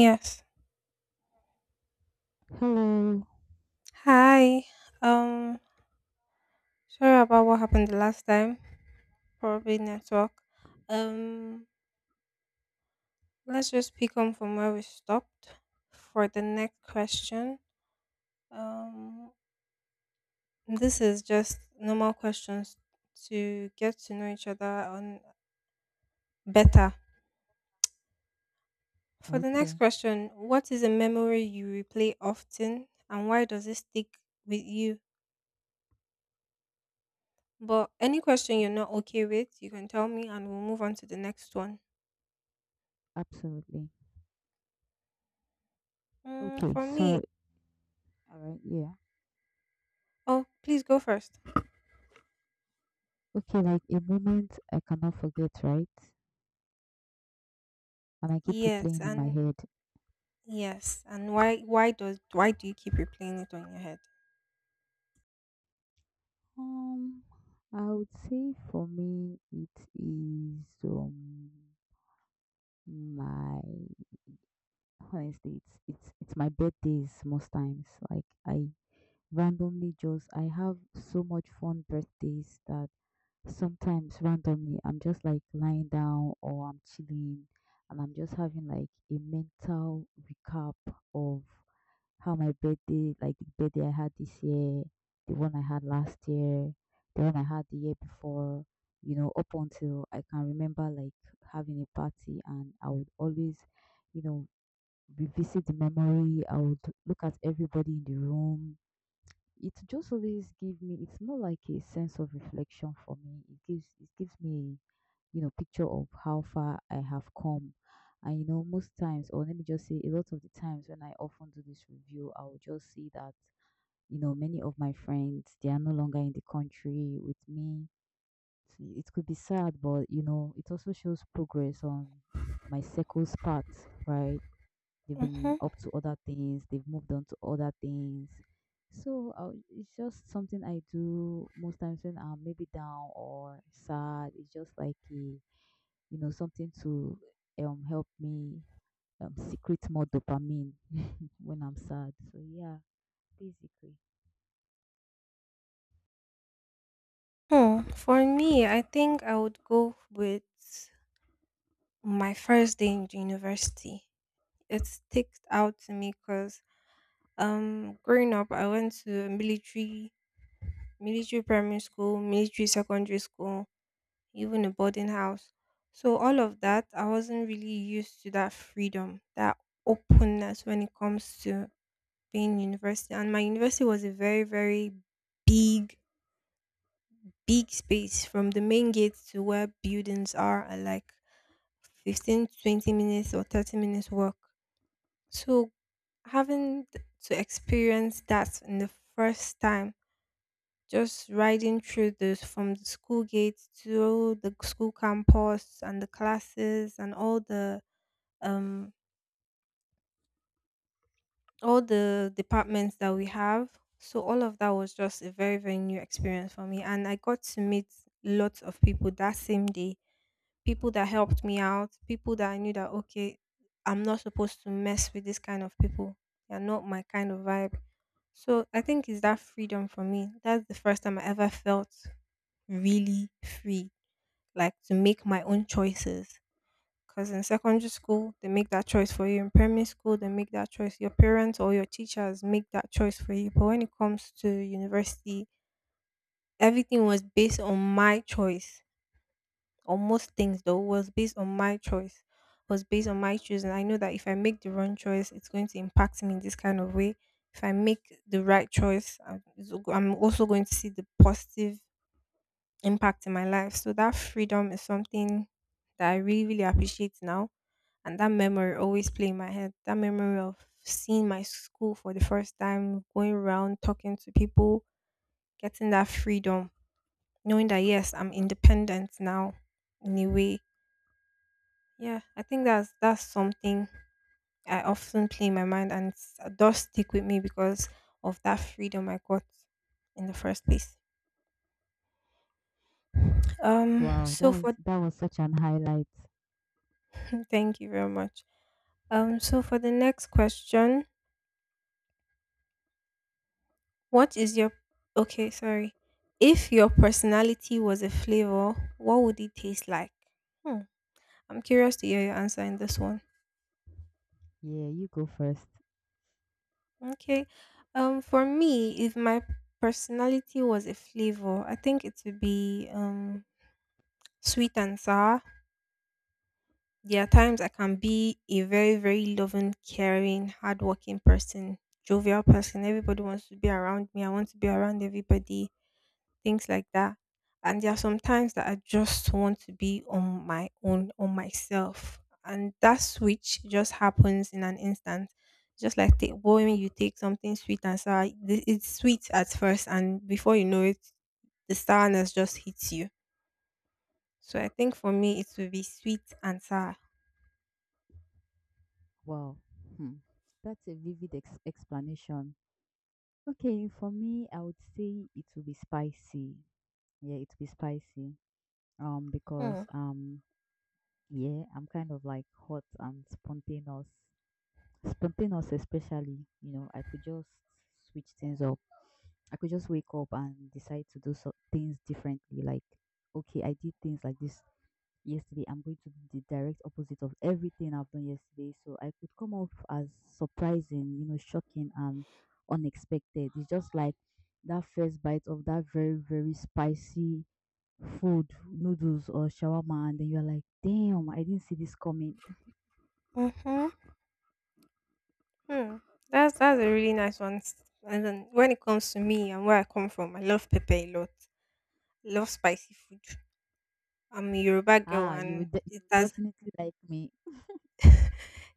Yes. Hello. Hi. Um, Sorry about what happened the last time. Probably network. Um, let's just pick on from where we stopped for the next question. Um, this is just normal questions to get to know each other on better. For the next Okay. question, what is a memory you replay often and why does it stick with you? But any question you're not okay with, you can tell me and we'll move on to the next one. Absolutely. Okay. For me, So, all right. Yeah. oh, please go first. Okay. Like a moment I cannot forget, right? And I keep Yes, replaying in my and head. yes, and why? Why does? Why do you keep replaying it on your head? Um, I would say for me, it is my honestly, it's my birthdays most times. Like I randomly just I have so much fun birthdays that sometimes randomly, I'm just like lying down or I'm chilling, and I'm just having like a mental recap of how my birthday, like the birthday I had this year, the one I had last year, the one I had the year before, you know, up until I can remember like having a party. And I would always, you know, revisit the memory. I would look at everybody in the room. It just always give me, it's more like a sense of reflection for me. It gives me, you know, picture of how far I have come. And you know, most times, or let me just say a lot of the times when I often do this review, I will just see that, you know, many of my friends, they are no longer in the country with me. It could be sad, but you know, it also shows progress on my circle's path, right? They've Mm-hmm. been up to other things. They've moved on to other things. So it's just something I do most times when I'm maybe down or sad. It's just like a, you know, something to help me secrete more dopamine when I'm sad. So yeah, basically. Hmm. For me, I think I would go with my first day in university. It sticks out to me because growing up, I went to a military primary school, military secondary school, even a boarding house. So all of that, I wasn't really used to that freedom, that openness when it comes to being university, and my university was a very big big space from the main gate to where buildings are like 15-20 minutes or 30 minutes walk. So having to experience that in the first time, just riding through this from the school gate to the school campus and the classes and um all the departments that we have. So all of that was just a very, very new experience for me. And I got to meet lots of people that same day. People that helped me out, people that I knew that okay, I'm not supposed to mess with this kind of people. They're not my kind of vibe. So I think it's that freedom for me. That's the first time I ever felt really free, like to make my own choices. Because in secondary school, they make that choice for you. In primary school, they make that choice. Your parents or your teachers make that choice for you. But when it comes to university, everything was based on my choice. Or most things, though, was based on my choice, was based on my choosing. I know that if I make the wrong choice, it's going to impact me in this kind of way. If I make the right choice, I'm also going to see the positive impact in my life. So that freedom is something that I really, really appreciate now, and that memory always play in my head. That memory of seeing my school for the first time, going around talking to people, getting that freedom, knowing that yes, I'm independent now in a way. Yeah, I think that's something I often play in my mind, and it does stick with me because of that freedom I got in the first place. Wow, So for that's, that was such an highlight. Thank you very much. So for the next question, What is your okay, sorry. If your personality was a flavor, what would it taste like? Hmm. I'm curious to hear your answer in this one. Yeah, you go first. Okay. For me, if my personality was a flavor, I think it would be sweet and sour. There are times I can be a very, very loving, caring, hardworking person, jovial person. Everybody wants to be around me. I want to be around everybody, things like that. And there are some times that I just want to be on my own, on myself. And that switch just happens in an instant. Just like when you take something sweet and sour, it's sweet at first, and before you know it, the sourness just hits you. So I think for me, it will be sweet and sour. Wow. Hmm. That's a vivid explanation. Okay, for me, I would say it will be spicy. Yeah, it'll be spicy. Hmm. Because yeah, I'm kind of like hot and spontaneous. Spontaneous, especially, you know, I could just switch things up. I could just wake up and decide to do so things differently. Like, okay, I did things like this yesterday. I'm going to do the direct opposite of everything I've done yesterday. So I could come off as surprising, you know, shocking and unexpected. It's just like that first bite of that very, very spicy food, noodles or shawarma, and then you're like, "Damn, I didn't see this coming." Mm-hmm. Hmm. That's a really nice one. And then when it comes to me and where I come from, I love pepper a lot. Love spicy food. I'm a Yoruba girl, Ah, you and would de- you would definitely like me.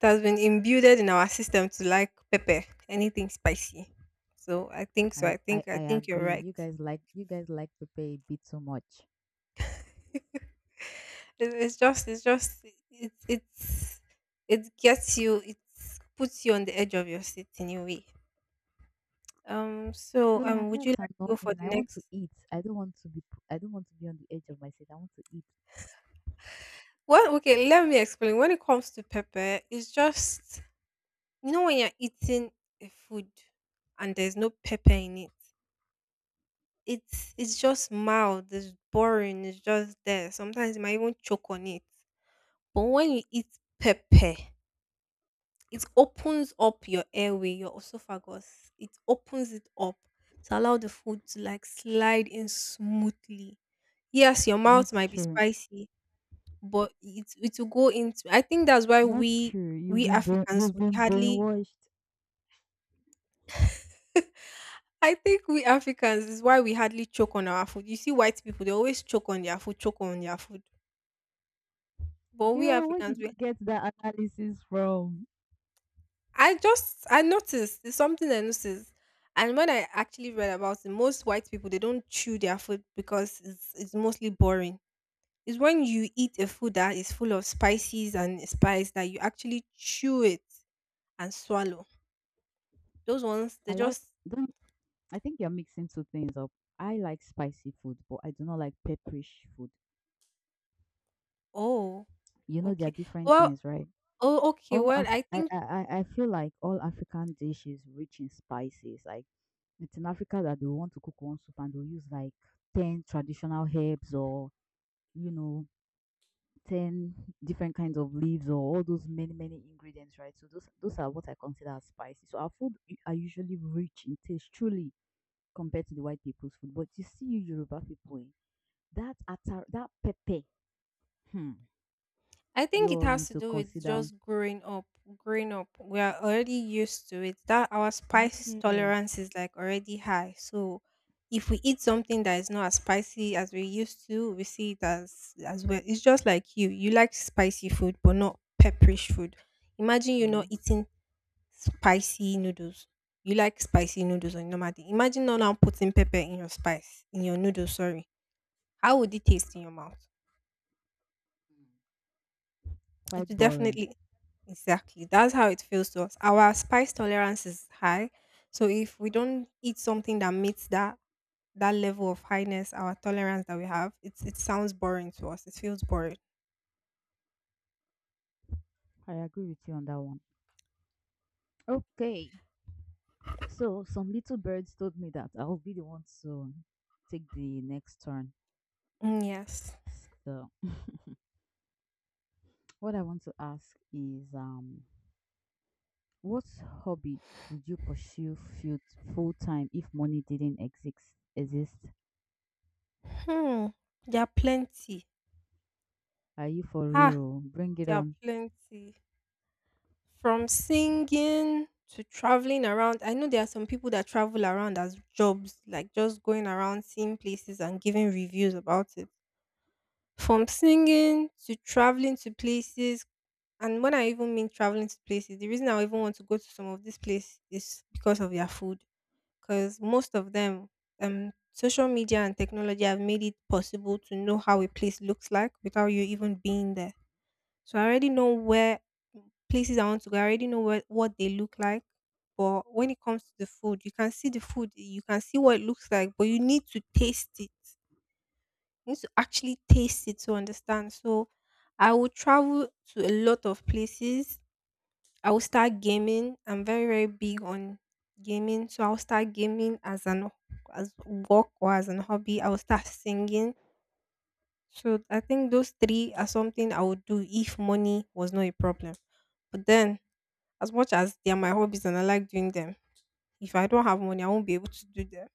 it has been imbued in our system to like pepper, anything spicy. So I think so. I, I I I think you're agree. right. You guys like pepper a bit too much. It, it's just it's just it's it gets you, it puts you on the edge of your seat in a way. Yeah, and Would you that's like to go for annoying. the I want to next eat. I don't want to be on the edge of my seat. I want to eat. well, okay, let me explain. When it comes to pepper, it's just, you know, when you're eating a food and there's no pepper in it, it's just mild, it's boring, it's just there. Sometimes you might even choke on it. But when you eat pepper, it opens up your airway, your esophagus. It opens it up to allow the food to like slide in smoothly. Yes, your mouth Not might be true. spicy, but it will go into. I think that's why Not true. We Africans You've we been hardly brainwashed. I think we Africans is why we hardly choke on our food. You see white people, they always choke on their food, choke on their food. But we Girl, where Africans, did you we get that analysis from? I just, I noticed, it's something I noticed, and when I actually read about it, most white people they don't chew their food because it's mostly boring. It's when you eat a food that is full of spices and spice that you actually chew it and swallow. Those ones they I like just don't I think you're mixing two things up. I like spicy food, but I do not like pepperish food. oh, You know, there okay are different well things, right? oh okay, All Af- I feel like all African dishes rich in spices. Like it's in Africa that they want to cook one soup and they'll use like 10 traditional herbs or, you know, 10 different kinds of leaves or all those many many ingredients, right? So those are what I consider as spicy. So our food are usually rich in taste, truly compared to the white people's food. But you see, you Yoruba people, eh, that atar, that pepe. Hmm. I think You it all has need to to do with consider. just growing up. Growing up, we are already used to it. That our spice Yes. tolerance is like already high. So if we eat something that is not as spicy as we used to, we see it as well. It's just like you. You like spicy food, but not pepperish food. Imagine you Yeah. not eating spicy noodles. You like spicy noodles on normal. Normally. Imagine not now putting pepper in your spice in your noodles. Sorry, how would it taste in your mouth? It Quite will boring. definitely, exactly. That's how it feels to us. Our spice tolerance is high, so if we don't eat something that meets that level of highness, our tolerance that we have, it sounds boring to us. It feels boring. I agree with you on that one. Okay. So some little birds told me that I'll be the one to take the next turn. Mm, yes. So what I want to ask is what hobby would you pursue full time if money didn't exist? Hmm. There are plenty. Are you for Ah, real? Bring it there are on. plenty. From singing to traveling around. I know there are some people that travel around as jobs, like just going around seeing places and giving reviews about it. From singing to traveling to places, and when I even mean traveling to places, the reason I even want to go to some of these places is because of their food. Because most of them, social media and technology have made it possible to know how a place looks like without you even being there. So I already know where places I want to go. I already know what they look like. But when it comes to the food, you can see the food, you can see what it looks like, but you need to taste it. You need to actually taste it to understand. So I will travel to a lot of places. I will start gaming. I'm very, very big on gaming. So I'll start gaming as an as work or as an hobby. I will start singing. So I think those three are something I would do if money was not a problem. But then, as much as they are my hobbies and I like doing them, if I don't have money, I won't be able to do them.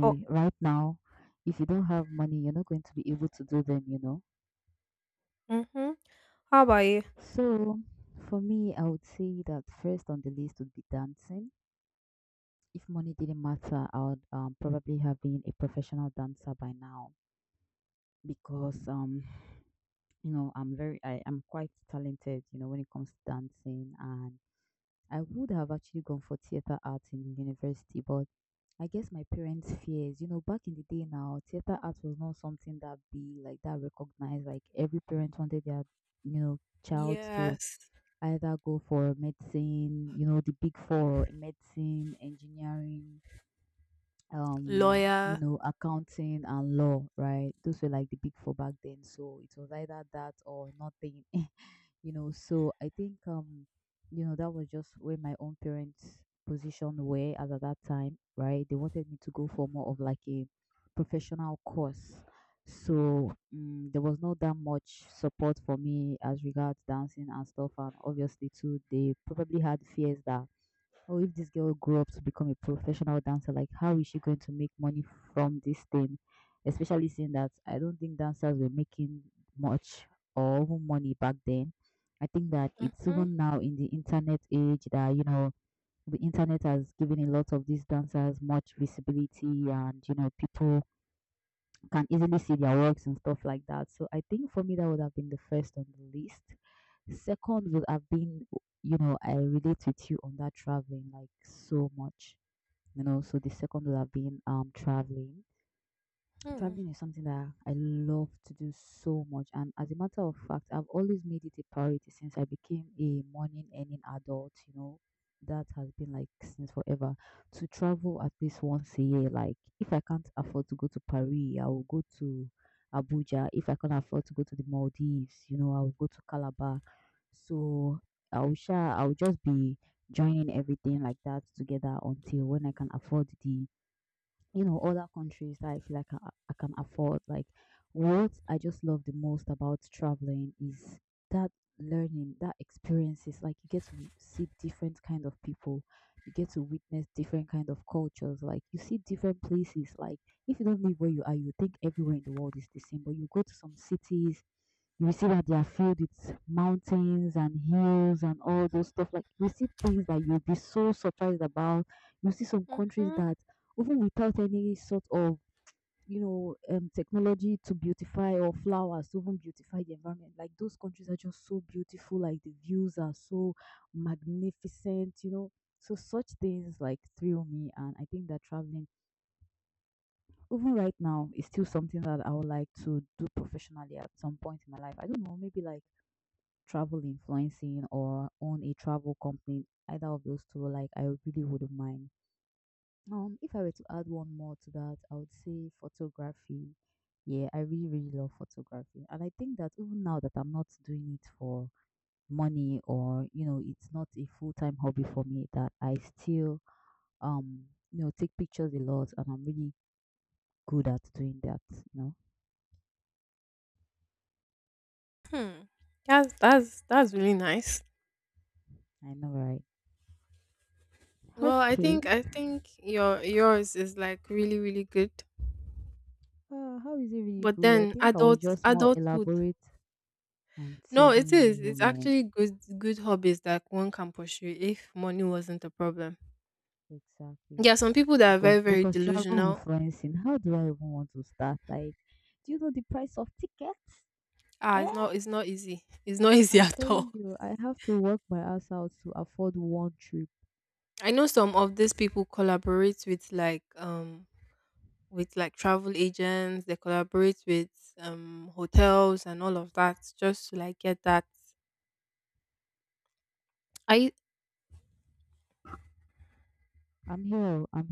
Oh, Right now, if you don't have money, you're not going to be able to do them, you know. mm-hmm. How about you? So, for me, I would say that first on the list would be dancing. If money didn't matter, I would probably have been a professional dancer by now because you know, I am quite talented, you know, when it comes to dancing. And I would have actually gone for theater arts in university, but I guess my parents' fears. You know, back in the day now, theater art was not something that be like that recognized. Like every parent wanted their, you know, child to Yes. either go for medicine, you know, the big four: medicine, engineering, you Lawyer. know, accounting and law, right? Those were like the big four back then. So it was either that or nothing. You know. So I think you know, that was just where my own parents' position were as at that time, right? They wanted me to go for more of like a professional course. So there was not that much support for me as regards dancing and stuff, and obviously too, they probably had fears that, oh, if this girl grew up to become a professional dancer, like how is she going to make money from this thing? Especially seeing that I don't think dancers were making much or even money back then. I think that it's Mm-hmm. even now in the internet age that, you know, the internet has given a lot of these dancers much visibility and, you know, people can easily see their works and stuff like that. So I think for me that would have been the first on the list. Second would have been, you know, I relate with you on that traveling like so much. You know, so the second would have been traveling. Hmm. Traveling is something that I love to do so much. And as a matter of fact, I've always made it a priority since I became a morning earning adult, you know. That has been like since forever, to travel at least once a year. Like, if I can't afford to go to Paris, I will go to Abuja. If I can't afford to go to the Maldives, you know, I will go to Calabar. So, I'll, share. I'll just be joining everything like that together until when I can afford the, you know, other countries that I feel like I can afford. Like what I just love the most about traveling is that learning, that experiences. Like you get to see different kind of people, you get to witness different kind of cultures. Like you see different places. Like if you don't live where you are, you think everywhere in the world is the same. But you go to some cities, you see that they are filled with mountains and hills and all those stuff. Like you see things that you'll be so surprised about. You see some countries Mm-hmm. that even without any sort of, you know, technology to beautify or flowers to even beautify the environment, like those countries are just so beautiful, like the views are so magnificent, you know. So such things like thrill me, and I think that traveling even right now is still something that I would like to do professionally at some point in my life. I don't know, maybe like travel influencing or own a travel company, either of those two, like I really wouldn't mind. If I were to add one more to that, I would say photography. Yeah, I really, really love photography. And I think that even now that I'm not doing it for money or, you know, it's not a full-time hobby for me, that I still, um, you know, take pictures a lot and I'm really good at doing that, you know. Hmm. That's really nice. I know, right? Well, Okay. I think your yours is like really good. How is it really But good? I then think I was adults just more adulthood. elaborate. I'm No, it is. telling you, It's man. actually good good hobbies that one can pursue if money wasn't a problem. Exactly. There are some people that are Because very very because travel delusional. influencing, how do I even want to start? Like, do you know the price of tickets? Ah, Eh? It's not easy. It's not easy I'm at telling all. you, I have to work my ass out to afford one trip. I know some of these people collaborate with with like travel agents. They collaborate with hotels and all of that just to like get that. I I'm here. Oh, I'm